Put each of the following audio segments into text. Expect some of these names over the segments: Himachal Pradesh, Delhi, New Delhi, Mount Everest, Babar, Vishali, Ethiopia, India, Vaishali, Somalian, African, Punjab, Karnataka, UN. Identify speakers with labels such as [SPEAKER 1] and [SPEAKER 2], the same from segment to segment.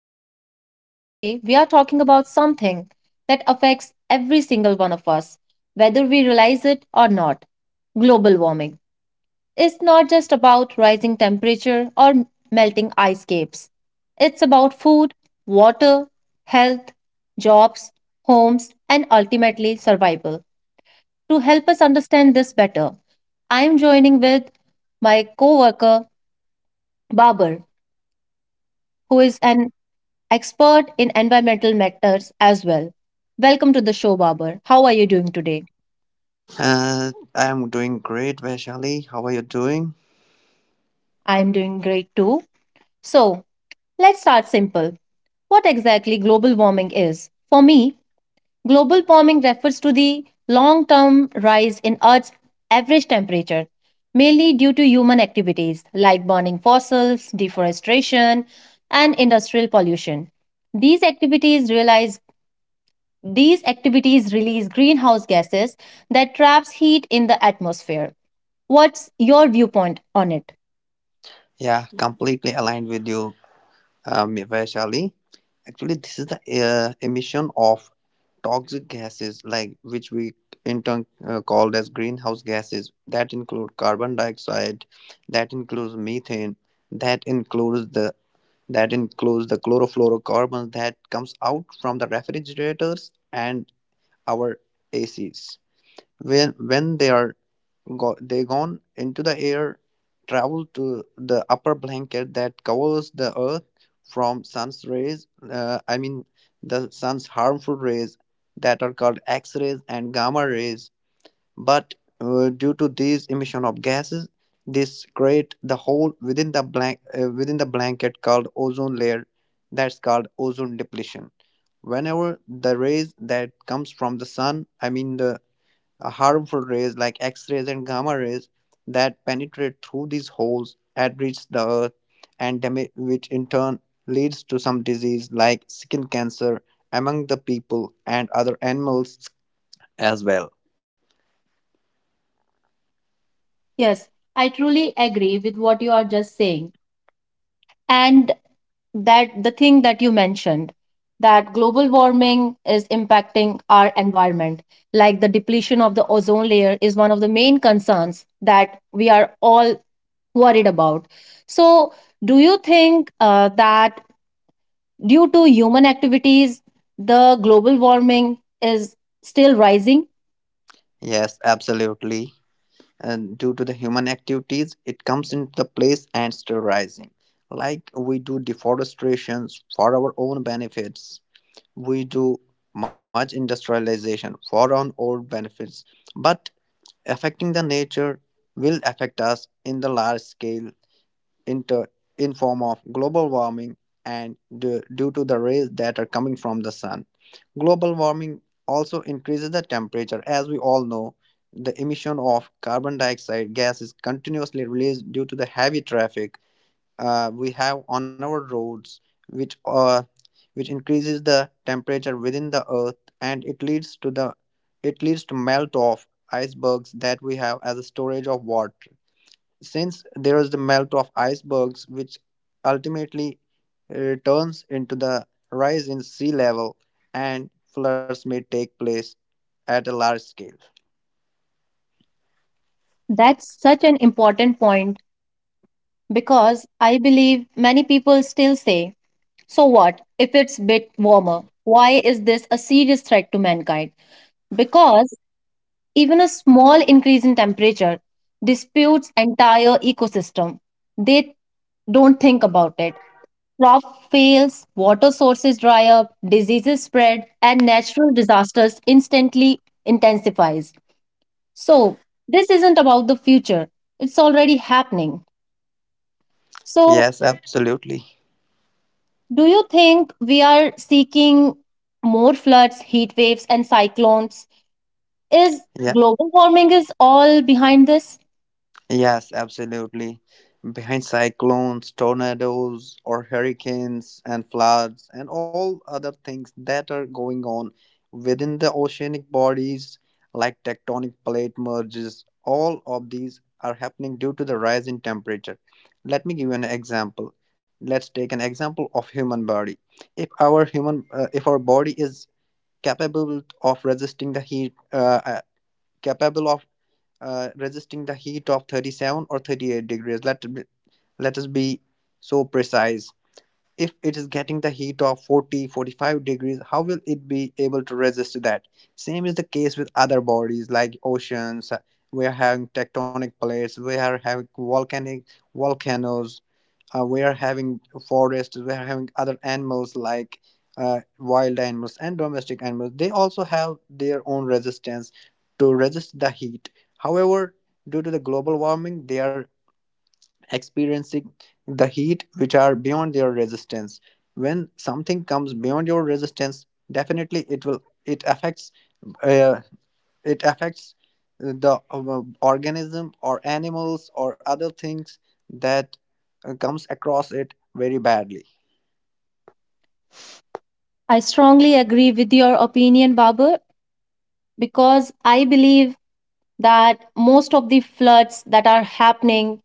[SPEAKER 1] Vishali, and today we are talking about something that affects every single one of us, whether we realize it or not global warming. It's not just about rising temperature or melting ice caps, it's about food, water, health, jobs, homes, and ultimately survival. To help us understand this better, I am joining with my coworker Babar, who is an expert in environmental matters as well. Welcome to the show, Babar. How are you doing today?
[SPEAKER 2] I'm doing great, Vaishali. How are you doing?
[SPEAKER 1] I am doing great too. So, let's start simple. What exactly global warming is? For me, global warming refers to the long term rise in Earth's average temperature, mainly due to human activities like burning fossils, deforestation, and industrial pollution. These activities realize These activities release greenhouse gases that traps heat in the atmosphere. What's your viewpoint on it?
[SPEAKER 2] Yeah, completely aligned with you, Vaishali. Actually, this is the emission of toxic gases, like which we in turn called as greenhouse gases. That include carbon dioxide, that includes methane, that includes the that includes the chlorofluorocarbons that comes out from the refrigerators and our ACs. When they are they gone into the air, travel to the upper blanket that covers the earth from sun's rays I mean the sun's harmful rays that are called x-rays and gamma rays. But due to these emission of gases, this create the hole within the blank within the blanket called ozone layer. That's called ozone depletion. Whenever the rays that comes from the sun, I mean the harmful rays like X rays and gamma rays, that penetrate through these holes and reach the earth, and damage, which in turn leads to some disease like skin cancer among the people and other animals as well.
[SPEAKER 1] Yes, I truly agree with what you are just saying. And that the thing that you mentioned that global warming is impacting our environment, like the depletion of the ozone layer, is one of the main concerns that we are all worried about. So, do you think that due to human activities, the global warming is still rising.
[SPEAKER 2] Yes, absolutely. And due to the human activities, it comes into the place and sterilizing. Like we do deforestations for our own benefits, we do much industrialization for our own benefits, but affecting the nature will affect us in the large scale, inter, in form of global warming. And due to the rays that are coming from the sun, global warming also increases the temperature. As we all know, the emission of carbon dioxide gas is continuously released due to the heavy traffic we have on our roads, which uh, which increases the temperature within the earth. And it leads to melt of icebergs that we have as a storage of water. Since there is the melt of icebergs, which ultimately turns into the rise in sea level, and floods may take place at a large scale.
[SPEAKER 1] That's such an important point because I believe many people still say, so what if it's a bit warmer? Why is this a serious threat to mankind? Because even a small increase in temperature disputes entire ecosystem. They don't think about it. Crop fails, water sources dry up, diseases spread, and natural disasters instantly intensifies. So, this isn't about the future. It's already happening. So,
[SPEAKER 2] Yes, absolutely.
[SPEAKER 1] do you think we are seeking more floods, heat waves, and cyclones? Is
[SPEAKER 2] Yeah.
[SPEAKER 1] global warming is all behind this?
[SPEAKER 2] Yes, absolutely. Behind cyclones, tornadoes, or hurricanes and floods, and all other things that are going on within the oceanic bodies, like tectonic plate merges, all of these are happening due to the rise in temperature. Let me give you an example. Let's take an example of human body. If our body is capable of resisting the heat, capable of resisting the heat of 37 or 38 degrees. Let us be so precise. If it is getting the heat of 40 45 degrees, how will it be able to resist that? Same is the case with other bodies like oceans. We are having tectonic plates, we are having volcanic volcanoes, we are having forests, we are having other animals like wild animals and domestic animals. They also have their own resistance to resist the heat. However, due to the global warming, they are experiencing the heat which are beyond their resistance. When something comes beyond your resistance, definitely it affects, uh, it affects the organism or animals or other things that comes across it very badly.
[SPEAKER 1] I strongly agree with your opinion, Babar, because I believe that most of the floods that are happening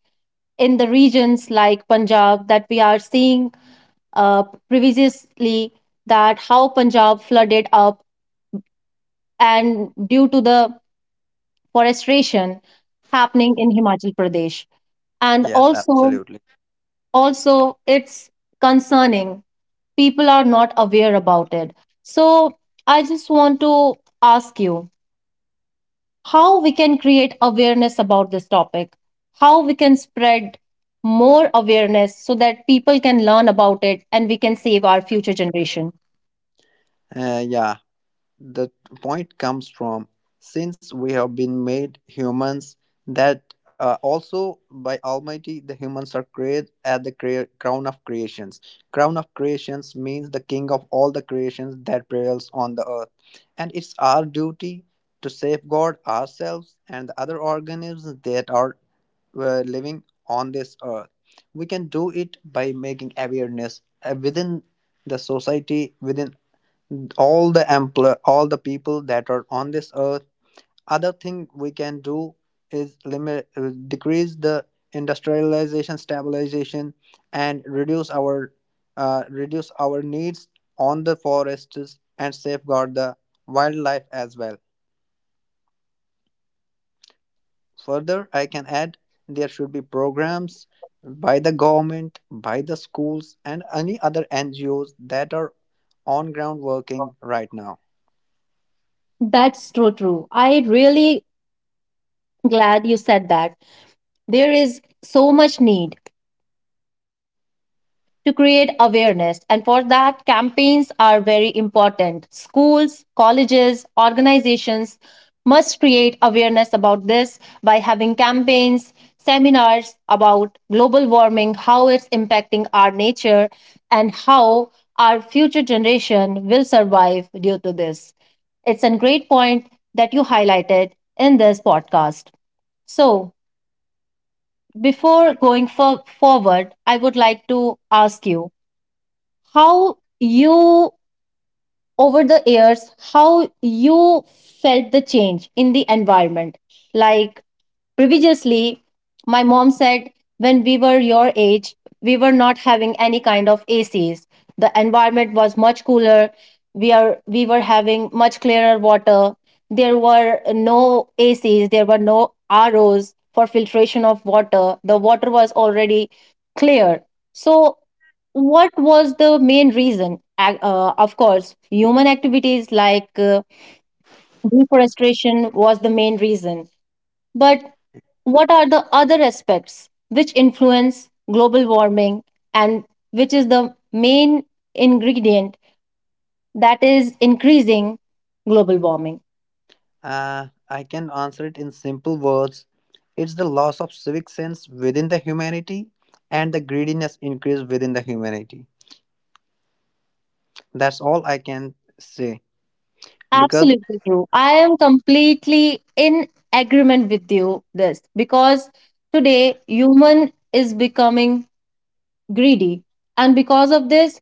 [SPEAKER 1] in the regions like Punjab that we are seeing previously that how Punjab flooded up and due to the forestation happening in Himachal Pradesh. And
[SPEAKER 2] Yes,
[SPEAKER 1] also,
[SPEAKER 2] absolutely.
[SPEAKER 1] also it's concerning. People are not aware about it. So I just want to ask you how we can create awareness about this topic, how we can spread more awareness so that people can learn about it and we can save our future generation.
[SPEAKER 2] Yeah, the point comes from, since we have been made humans, that also by almighty, the humans are created at the crown of creations. Crown of creations means the king of all the creations that prevails on the earth. And it's our duty to safeguard ourselves and the other organisms that are living on this earth. We can do it by making awareness within the society, within all the people that are on this earth. Other thing we can do is limit decrease the industrialization, stabilization, and reduce our needs on the forests, and safeguard the wildlife as well. Further I can add, there should be programs by the government, by the schools, and any other NGOs that are on ground working right now.
[SPEAKER 1] That's true, true. I really glad you said that. There is so much need to create awareness. And for that, campaigns are very important. Schools, colleges, organizations must create awareness about this by having campaigns, seminars about global warming, how it's impacting our nature, and how our future generation will survive due to this. It's a great point that you highlighted in this podcast. So, before going for forward, I would like to ask you how you over the years how you felt the change in the environment like previously my mom said when we were your age we were not having any kind of acs, the environment was much cooler, we were having much clearer water, there were no acs, there were no ros for filtration of water, the water was already clear. So what was the main reason? Of course, human activities like deforestation was the main reason. But what are the other aspects which influence global warming and which is the main ingredient that is increasing global warming?
[SPEAKER 2] I can answer it in simple words. It's the loss of civic sense within the humanity, and the greediness increase within the humanity. That's all I can say. Because,
[SPEAKER 1] Absolutely true. I am completely in agreement with you this because today human is becoming greedy and because of this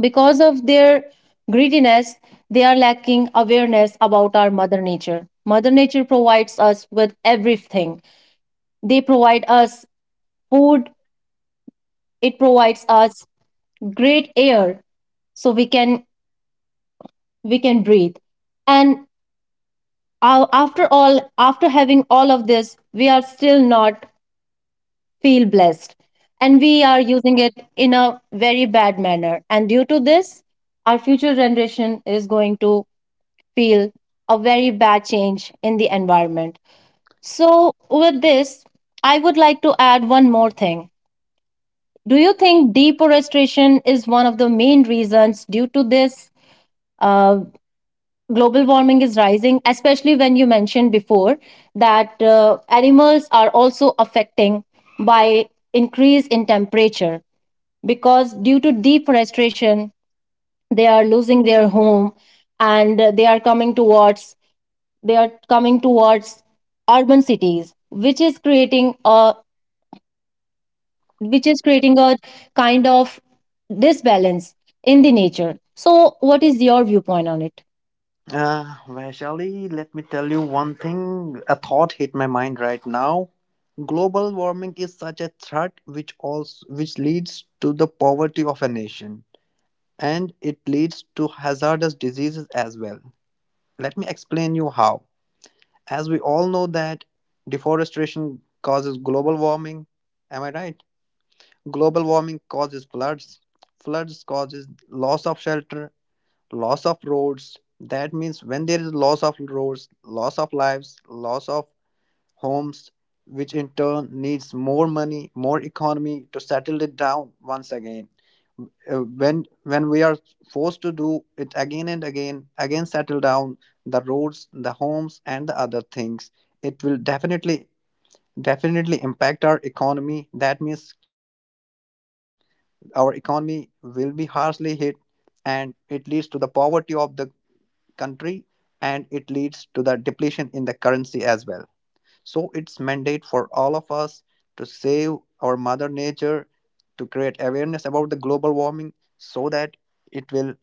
[SPEAKER 1] because of their greediness, they are lacking awareness about our mother nature. Mother nature provides us with everything. They provide us food, it provides us great air so we can breathe. And after all after having all of this, we are still not feel blessed and we are using it in a very bad manner. And due to this, our future generation is going to feel a very bad change in the environment. So, with this, I would like to add one more thing. Do you think deforestation is one of the main reasons due to this? Uh, Global warming is rising, especially when you mentioned before that animals are also affecting by increase in temperature because due to deforestation they are losing their home and they are coming towards urban cities, which is creating a which is creating a kind of disbalance in the nature. So what is your viewpoint on it?
[SPEAKER 2] Vaishali, let me tell you one thing. A thought hit my mind right now. Global warming is such a threat which also which leads to the poverty of a nation, and it leads to hazardous diseases as well. Let me explain you how. As we all know that deforestation causes global warming, am I right? Global warming causes floods, floods causes loss of shelter, loss of roads. That means when there is loss of roads, loss of lives, loss of homes, which in turn needs more money, more economy to settle it down once again. When we are forced to do it again and again, again settle down the roads, the homes, and the other things, it will definitely impact our economy. That means our economy will be harshly hit, and it leads to the poverty of the country, and it leads to the depletion in the currency as well. So it's mandate for all of us to save our mother nature, to create awareness about the global warming, so that it will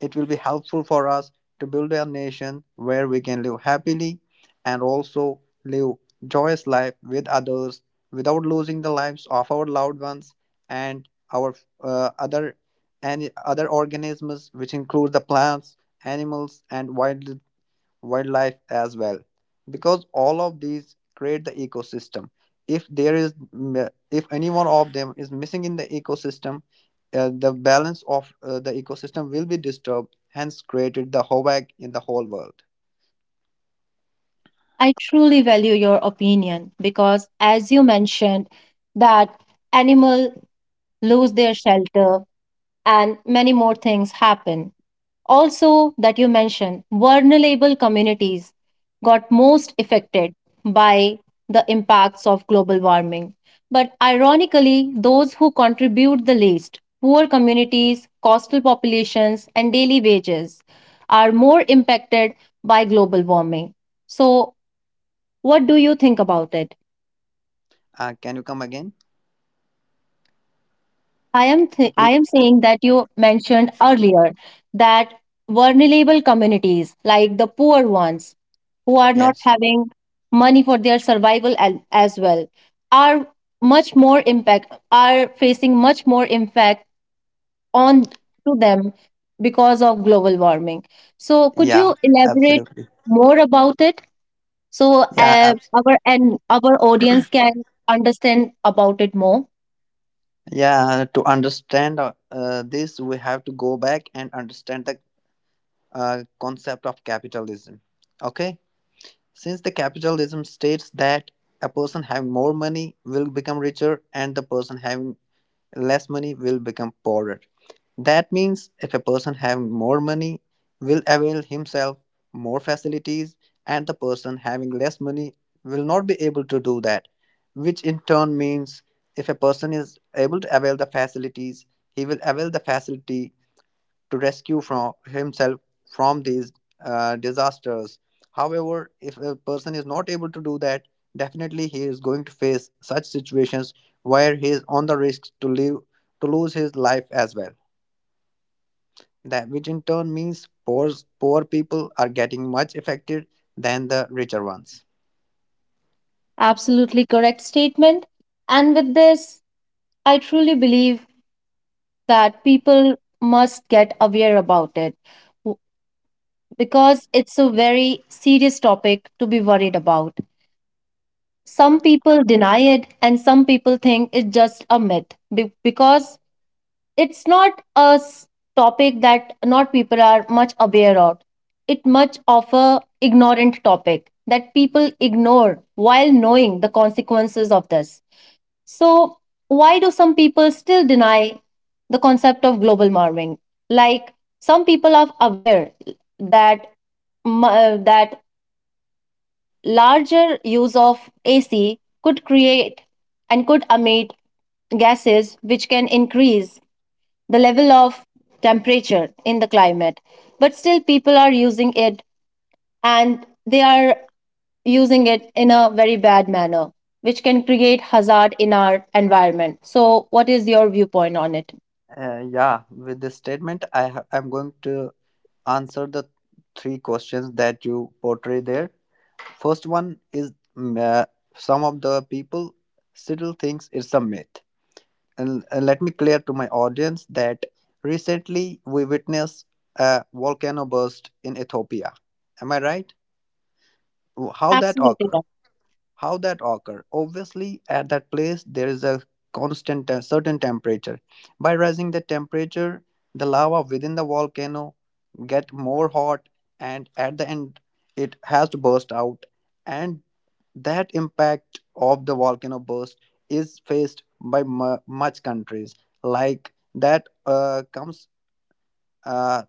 [SPEAKER 2] it will be helpful for us to build a nation where we can live happily, and also live joyous life with others without losing the lives of our loved ones, and our other any other organisms, which include the plants, animals, and wildlife as well. Because all of these create the ecosystem. If there is if any one of them is missing in the ecosystem, the balance of the ecosystem will be disturbed, hence created the havoc in the whole world.
[SPEAKER 1] I truly value your opinion because, as you mentioned, that animal lose their shelter and many more things happen. Also, that you mentioned, vulnerable communities got most affected by the impacts of global warming. But ironically, those who contribute the least, poor communities, coastal populations, and daily wages, are more impacted by global warming. So, what do you think about it?
[SPEAKER 2] Can you come again?
[SPEAKER 1] I
[SPEAKER 2] Please.
[SPEAKER 1] am saying that you mentioned earlier that vulnerable communities like the poor ones who are not
[SPEAKER 2] Yes.
[SPEAKER 1] having money for their survival as well are much more impact are facing much more impact on to them because of global warming. So could
[SPEAKER 2] Yeah,
[SPEAKER 1] you elaborate
[SPEAKER 2] absolutely.
[SPEAKER 1] more about it so
[SPEAKER 2] yeah abs-
[SPEAKER 1] our audience can understand about it more?
[SPEAKER 2] yeah, to understand this, we have to go back and understand the concept of capitalism. Okay. Since the capitalism states that a person having more money will become richer, and the person having less money will become poorer. That means if a person having more money will avail himself more facilities, and the person having less money will not be able to do that, which in turn means if a person is able to avail the facilities, he will avail the facility to rescue from himself from these disasters. However, if a person is not able to do that, definitely he is going to face such situations where he is on the risk to live, to lose his life as well. That which in turn means poor people are getting much affected than the richer ones.
[SPEAKER 1] Absolutely correct statement. And with this, I truly believe that people must get aware about it w- because it's a very serious topic to be worried about. Some people deny it, and some people think it's just a myth because it's not a topic that not people are much aware of. It much of a ignorant topic that people ignore while knowing the consequences of this. So, why do some people still deny the concept of global warming? Like some people are aware that that larger use of AC could create and could emit gases which can increase the level of temperature in the climate, but still people are using it and they are using it in a very bad manner, which can create hazard in our environment. So, what is your viewpoint on it?
[SPEAKER 2] Yeah, with this statement, I'm going to answer the three questions that you portray there. First one is, some of the people still thinks it's a myth. And let me clear to my audience that recently we witnessed a volcano burst in Ethiopia. Am I right? How that
[SPEAKER 1] Absolutely right.
[SPEAKER 2] occurred? How that occur? Obviously, at that place there is a constant certain temperature. By raising the temperature, the lava within the volcano get more hot, and at the end it has to burst out. And that impact of the volcano burst is faced by mu much countries like that comes. Uh,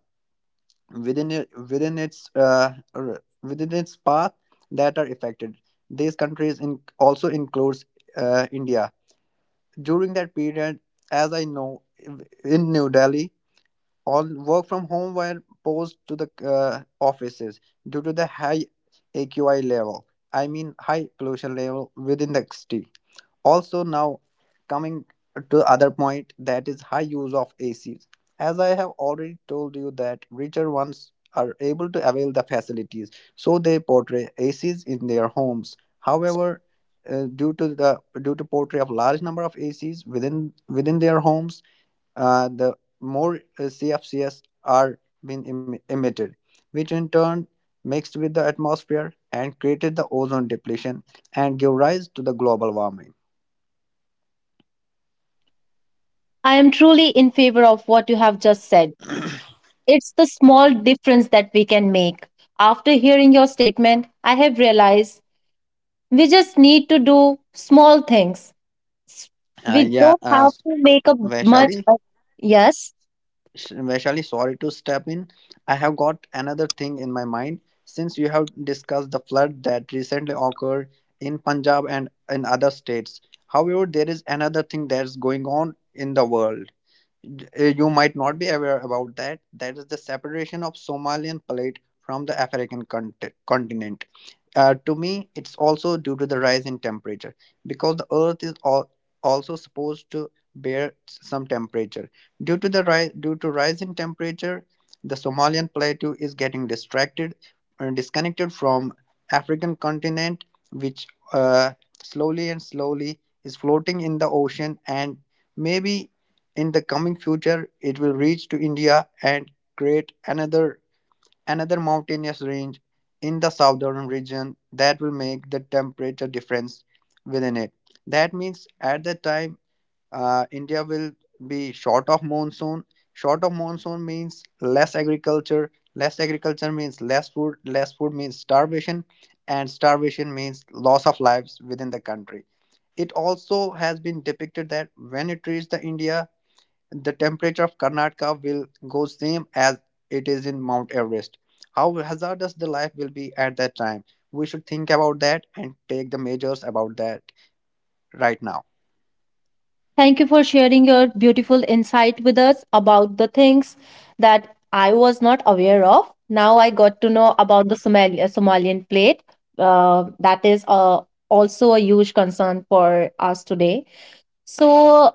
[SPEAKER 2] Within it, within its within its path, that are affected. These countries in, also includes India. During that period, as I know, in New Delhi, all work from home were posed to the offices due to the high AQI level. I mean, high pollution level within the city. Also now coming to other point, that is high use of ACs. As I have already told you that richer ones are able to avail the facilities, so they portray ACs in their homes. However, due to portray of large number of ACs within their homes, the more CFCs are being emitted, which in turn mixed with the atmosphere and created the ozone depletion, and give rise to the global warming.
[SPEAKER 1] I am truly in favor of what you have just said. It's the small difference that we can make. After hearing your statement, I have realized we just need to do small things. S-
[SPEAKER 2] Uh,
[SPEAKER 1] We
[SPEAKER 2] yeah,
[SPEAKER 1] don't
[SPEAKER 2] uh,
[SPEAKER 1] have
[SPEAKER 2] s-
[SPEAKER 1] to make a much
[SPEAKER 2] Vaishali,
[SPEAKER 1] of. Yes.
[SPEAKER 2] Vaishali, sorry to step in. I have got another thing in my mind, since you have discussed the flood that recently occurred in Punjab and in other states. However, there is another thing that's going on in the world. You might not be aware about that. That is the separation of Somalian plate from the African continent. To me, it's also due to the rise in temperature, because the Earth is also supposed to bear some temperature. Due to the due to rise in temperature, the Somalian plateau is getting distracted and disconnected from African continent, which uh, slowly and slowly is floating in the ocean, and maybe in the coming future, it will reach to India and create another mountainous range in the southern region, that will make the temperature difference within it. That means at that time, India will be short of monsoon. Short of monsoon means less agriculture. Less agriculture means less food. Less food means starvation, and starvation means loss of lives within the country. It also has been depicted that when it reached the India, the temperature of Karnataka will go same as it is in Mount Everest. How hazardous the life will be at that time. We should think about that and take the measures about that right now.
[SPEAKER 1] Thank you for sharing your beautiful insight with us about the things that I was not aware of. Now I got to know about the Somalian plate. That is also a huge concern for us today. So,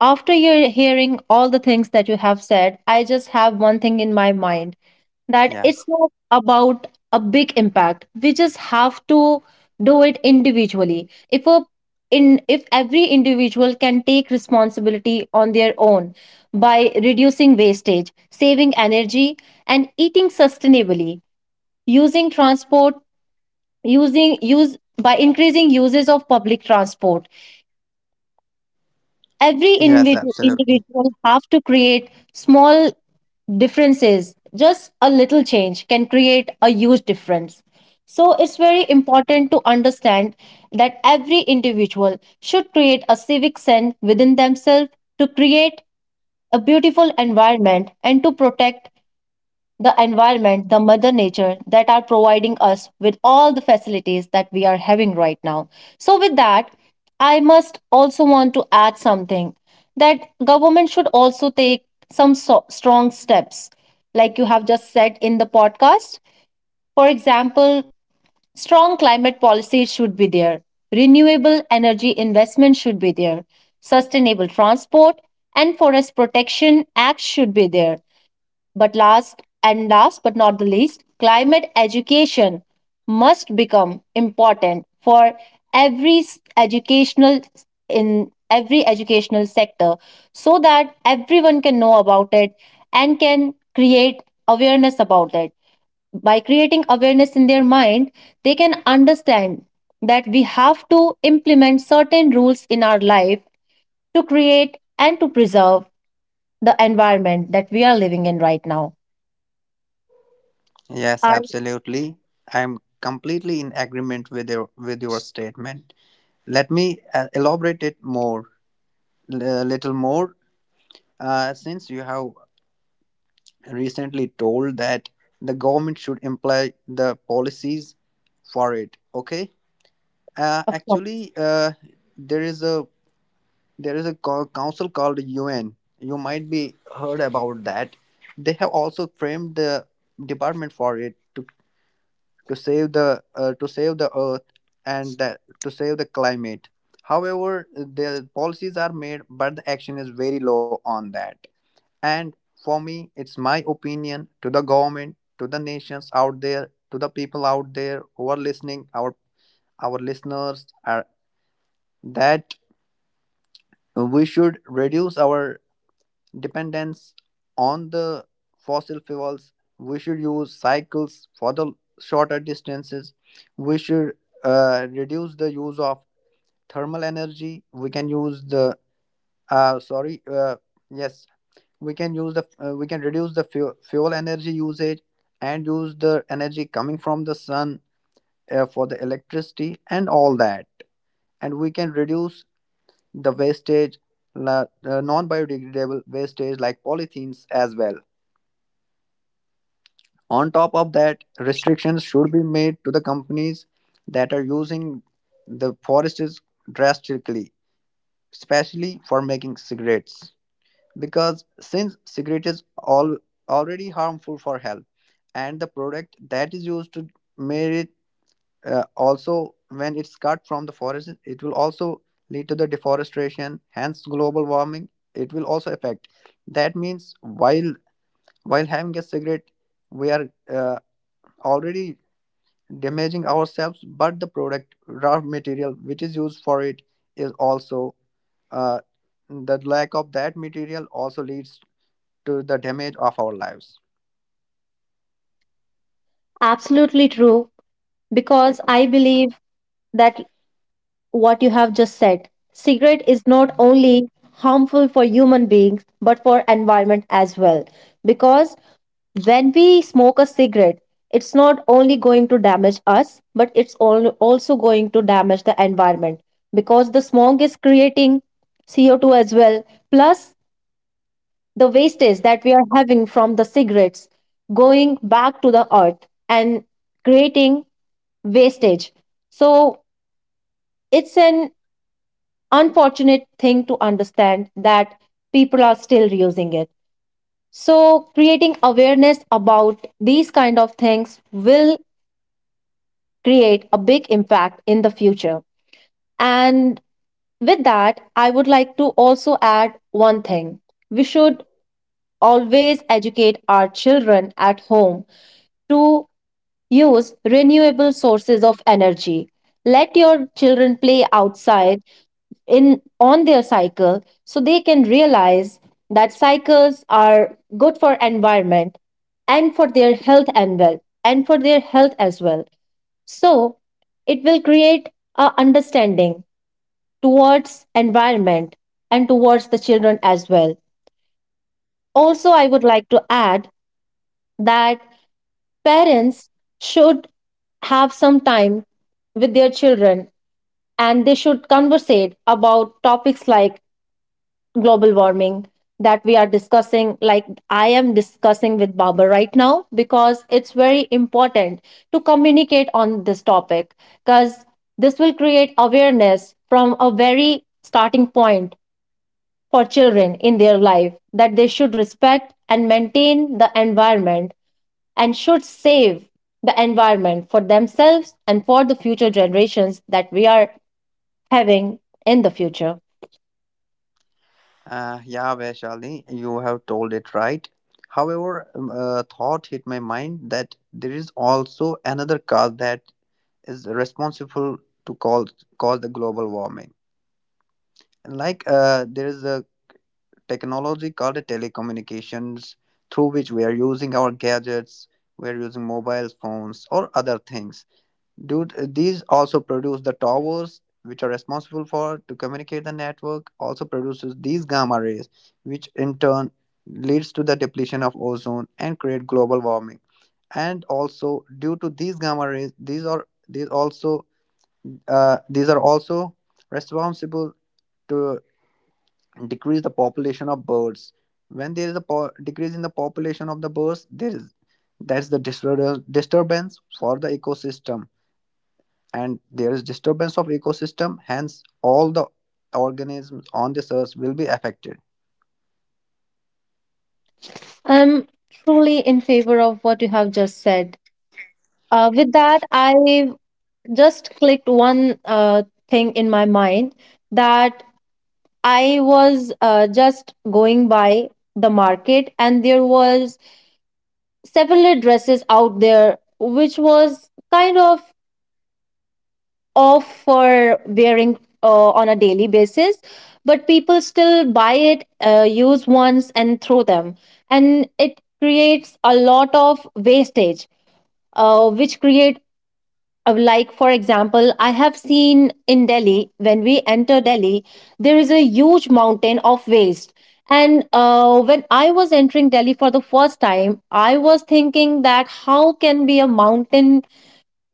[SPEAKER 1] after your hearing all the things that you have said, I just have one thing in my mind that
[SPEAKER 2] Yeah.
[SPEAKER 1] it's not about a big impact, we just have to do it individually. If a in if every individual can take responsibility on their own by reducing wastage, saving energy, and eating sustainably, using transport, using use by increasing uses of public transport, every
[SPEAKER 2] Yes, absolutely.
[SPEAKER 1] individual have to create small differences. Just a little change can create a huge difference. So it's very important to understand that every individual should create a civic sense within themselves to create a beautiful environment and to protect the environment, the mother nature that are providing us with all the facilities that we are having right now. So with that, I must also want to add something that government should also take some strong steps like you have just said in the podcast. For example, strong climate policies should be there. Renewable energy investment should be there. Sustainable transport and forest protection acts should be there, but last and last but not the least, climate education must become important for every s- educational in every educational sector so that everyone can know about it and can create awareness about it. By creating awareness in their mind, they can understand that we have to implement certain rules in our life to create and to preserve the environment that we are living in right now.
[SPEAKER 2] Yes, absolutely. I am completely in agreement with your statement. Let me elaborate it more, a little more, since you have recently told that the government should imply the policies for it. Okay. Uh,
[SPEAKER 1] Of
[SPEAKER 2] actually,
[SPEAKER 1] course.
[SPEAKER 2] uh, there is a there is a council called UN. You might be heard about that. They have also framed the department for it to save the to save the earth and to save the climate. However, the policies are made, but the action is very low on that. And for me, it's my opinion to the government, to the nations out there, to the people out there who are listening, our listeners are that we should reduce our dependence on the fossil fuels. We should use cycles for the shorter distances. We should reduce the use of thermal energy. We can use the sorry yes, we can use the we can reduce the fuel energy usage and use the energy coming from the sun for the electricity and all that, and we can reduce the wastage, non-biodegradable wastage like polythenes as well. On top of that, restrictions should be made to the companies that are using the forests drastically, especially for making cigarettes. Because since cigarette is all already harmful for health, and the product that is used to make it, also when it's cut from the forest, it will also lead to the deforestation, hence global warming it will also affect. That means while having a cigarette, we are uh, already damaging ourselves, but the product raw material which is used for it is also uh, the lack of that material also leads to the damage of our lives.
[SPEAKER 1] Absolutely true. Because I believe that what you have just said, cigarette is not only harmful for human beings but for environment as well. Because when we smoke a cigarette, it's not only going to damage us, but it's also going to damage the environment because the smoke is creating CO2 as well. Plus, the wastage that we are having from the cigarettes going back to the earth and creating wastage. So it's an unfortunate thing to understand that people are still using it. So creating awareness about these kind of things will create a big impact in the future. And with that, I would like to also add one thing. We should always educate our children at home to use renewable sources of energy. Let your children play outside in on their cycle so they can realize that cycles are good for environment and for their health and well and for their health as well. So it will create a understanding towards environment and towards the children as well. Also, I would like to add that parents should have some time with their children and they should conversate about topics like global warming that we are discussing, like I am discussing with Baba right now, because it's very important to communicate on this topic because this will create awareness from a very starting point for children in their life, that they should respect and maintain the environment and should save the environment for themselves and for the future generations that we are having in the future.
[SPEAKER 2] Yeah, Vaishali, you have told it right. However, a thought hit my mind that there is also another cause that is responsible to call cause the global warming. Like there is a technology called the telecommunications through which we are using our gadgets, we are using mobile phones or other things. Dude, these also produce the towers, which are responsible for to communicate the network, also produces these gamma rays, which in turn leads to the depletion of ozone and create global warming. And also, due to these gamma rays, these are also responsible to decrease the population of birds. When there is a decrease in the population of the birds, there is disturbance for the ecosystem, and there is disturbance of ecosystem, hence all the organisms on this earth will be affected.
[SPEAKER 1] I'm truly in favor of what you have just said. With that, I just clicked one thing in my mind that I was just going by the market and there was several dresses out there which was kind of off for wearing on a daily basis, but people still buy it, use once and throw them, and it creates a lot of wastage, which create like, for example, I have seen in Delhi. When we enter Delhi, there is a huge mountain of waste. And when I was entering Delhi for the first time, I was thinking that how can be a mountain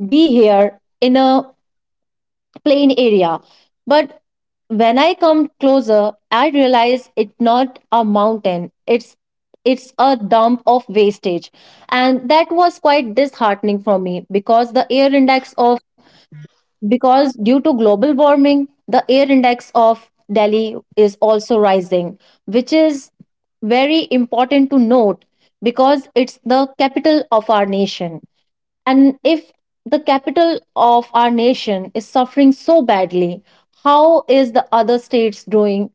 [SPEAKER 1] be here in a plain area. But when I come closer, I realize it's not a mountain. It's a dump of wastage. And that was quite disheartening for me because the air index of, because due to global warming, the air index of Delhi is also rising, which is very important to note because it's the capital of our nation. And if the capital of our nation is suffering so badly, how is the other states doing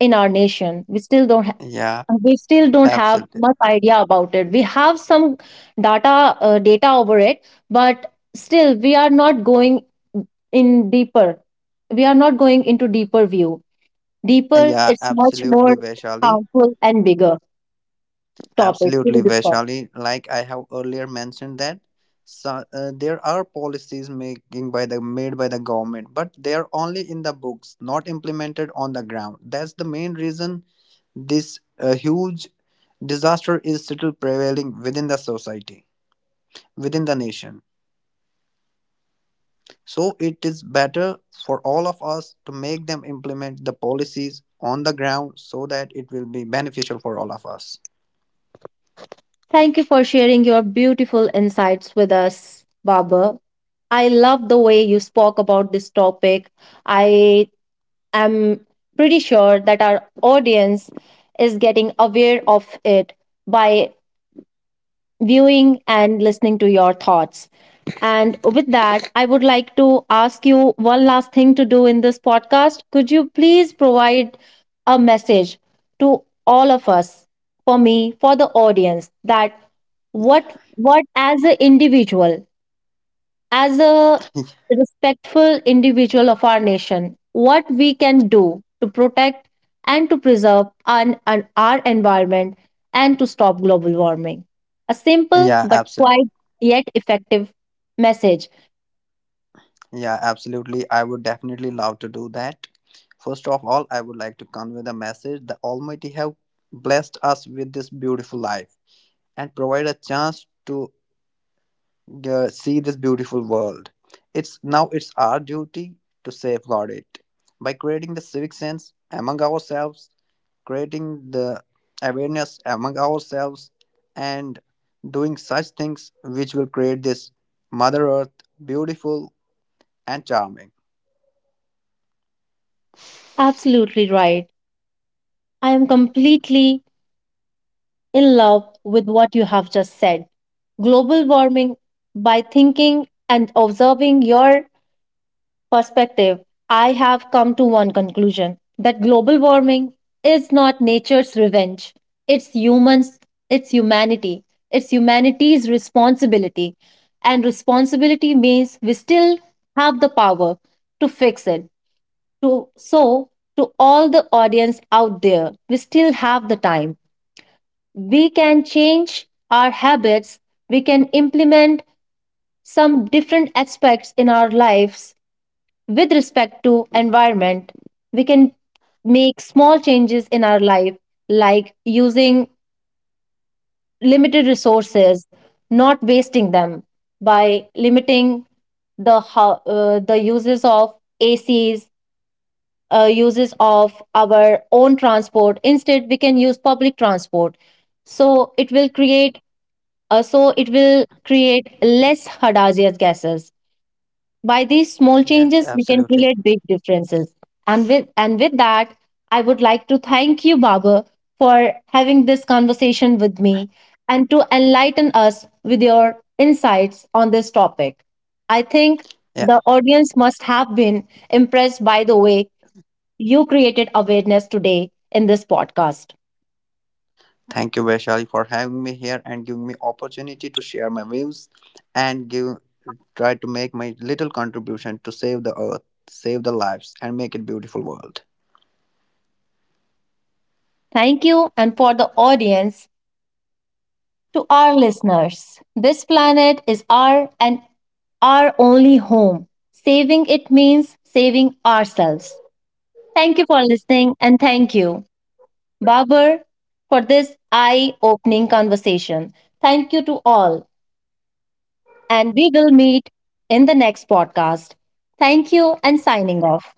[SPEAKER 1] in our nation? We still don't.
[SPEAKER 2] Yeah,
[SPEAKER 1] We still don't have
[SPEAKER 2] absolutely.
[SPEAKER 1] much idea about it. We have some data, data over it, but still we are not going in deeper. We are not going into deeper view. Deeper,
[SPEAKER 2] Yeah,
[SPEAKER 1] it's much more
[SPEAKER 2] absolutely, Vaishali.
[SPEAKER 1] harmful and bigger topic to be
[SPEAKER 2] Absolutely,
[SPEAKER 1] discussed.
[SPEAKER 2] Vaishali, like I have earlier mentioned that. So, there are policies making by the made by the government, but they are only in the books, not implemented on the ground. That's the main reason this huge disaster is still prevailing within the society, within the nation. So it is better for all of us to make them implement the policies on the ground, so that it will be beneficial for all of us.
[SPEAKER 1] Thank you for sharing your beautiful insights with us, Baba. I love the way you spoke about this topic. I am pretty sure that our audience is getting aware of it by viewing and listening to your thoughts. And with that, I would like to ask you one last thing to do in this podcast. Could you please provide a message to all of us, for me, for the audience, that what as an individual, as a respectful individual of our nation, what we can do to protect and to preserve our environment and to stop global warming. A simple
[SPEAKER 2] Yeah,
[SPEAKER 1] but
[SPEAKER 2] absolutely.
[SPEAKER 1] quite yet effective message.
[SPEAKER 2] Yeah, absolutely. I would definitely love to do that. First of all, I would like to convey the message that Almighty have blessed us with this beautiful life and provide a chance to see this beautiful world. It's now it's our duty to safeguard it by creating the civic sense among ourselves, creating the awareness among ourselves, and doing such things which will create this Mother Earth beautiful and charming.
[SPEAKER 1] Absolutely right. I am completely in love with what you have just said. Global warming, by thinking and observing your perspective, I have come to one conclusion that global warming is not nature's revenge. It's humans, it's humanity, it's humanity's responsibility. And responsibility means we still have the power to fix it. To so to all the audience out there, we still have the time. We can change our habits, we can implement some different aspects in our lives with respect to environment. We can make small changes in our life, like using limited resources, not wasting them, by limiting the the uses of acs, uses of our own transport. Instead, we can use public transport, so it will create, so it will create less hazardous gases. By these small
[SPEAKER 2] Yes,
[SPEAKER 1] changes, we can
[SPEAKER 2] absolutely.
[SPEAKER 1] create big differences. And with that, I would like to thank you, Baba, for having this conversation with me and to enlighten us with your insights on this topic. I think
[SPEAKER 2] Yeah,
[SPEAKER 1] the audience must have been impressed by the way you created awareness today in this podcast.
[SPEAKER 2] thank you, Vaishali, for having me here and giving me opportunity to share my views and give try to make my little contribution to save the earth, save the lives, and make it a beautiful world.
[SPEAKER 1] Thank you, and for the audience, to our listeners. This planet is our and our only home. Saving it means saving ourselves. Thank you for listening, and thank you, Babar, for this eye opening conversation. Thank you to all, and we will meet in the next podcast. Thank you and signing off.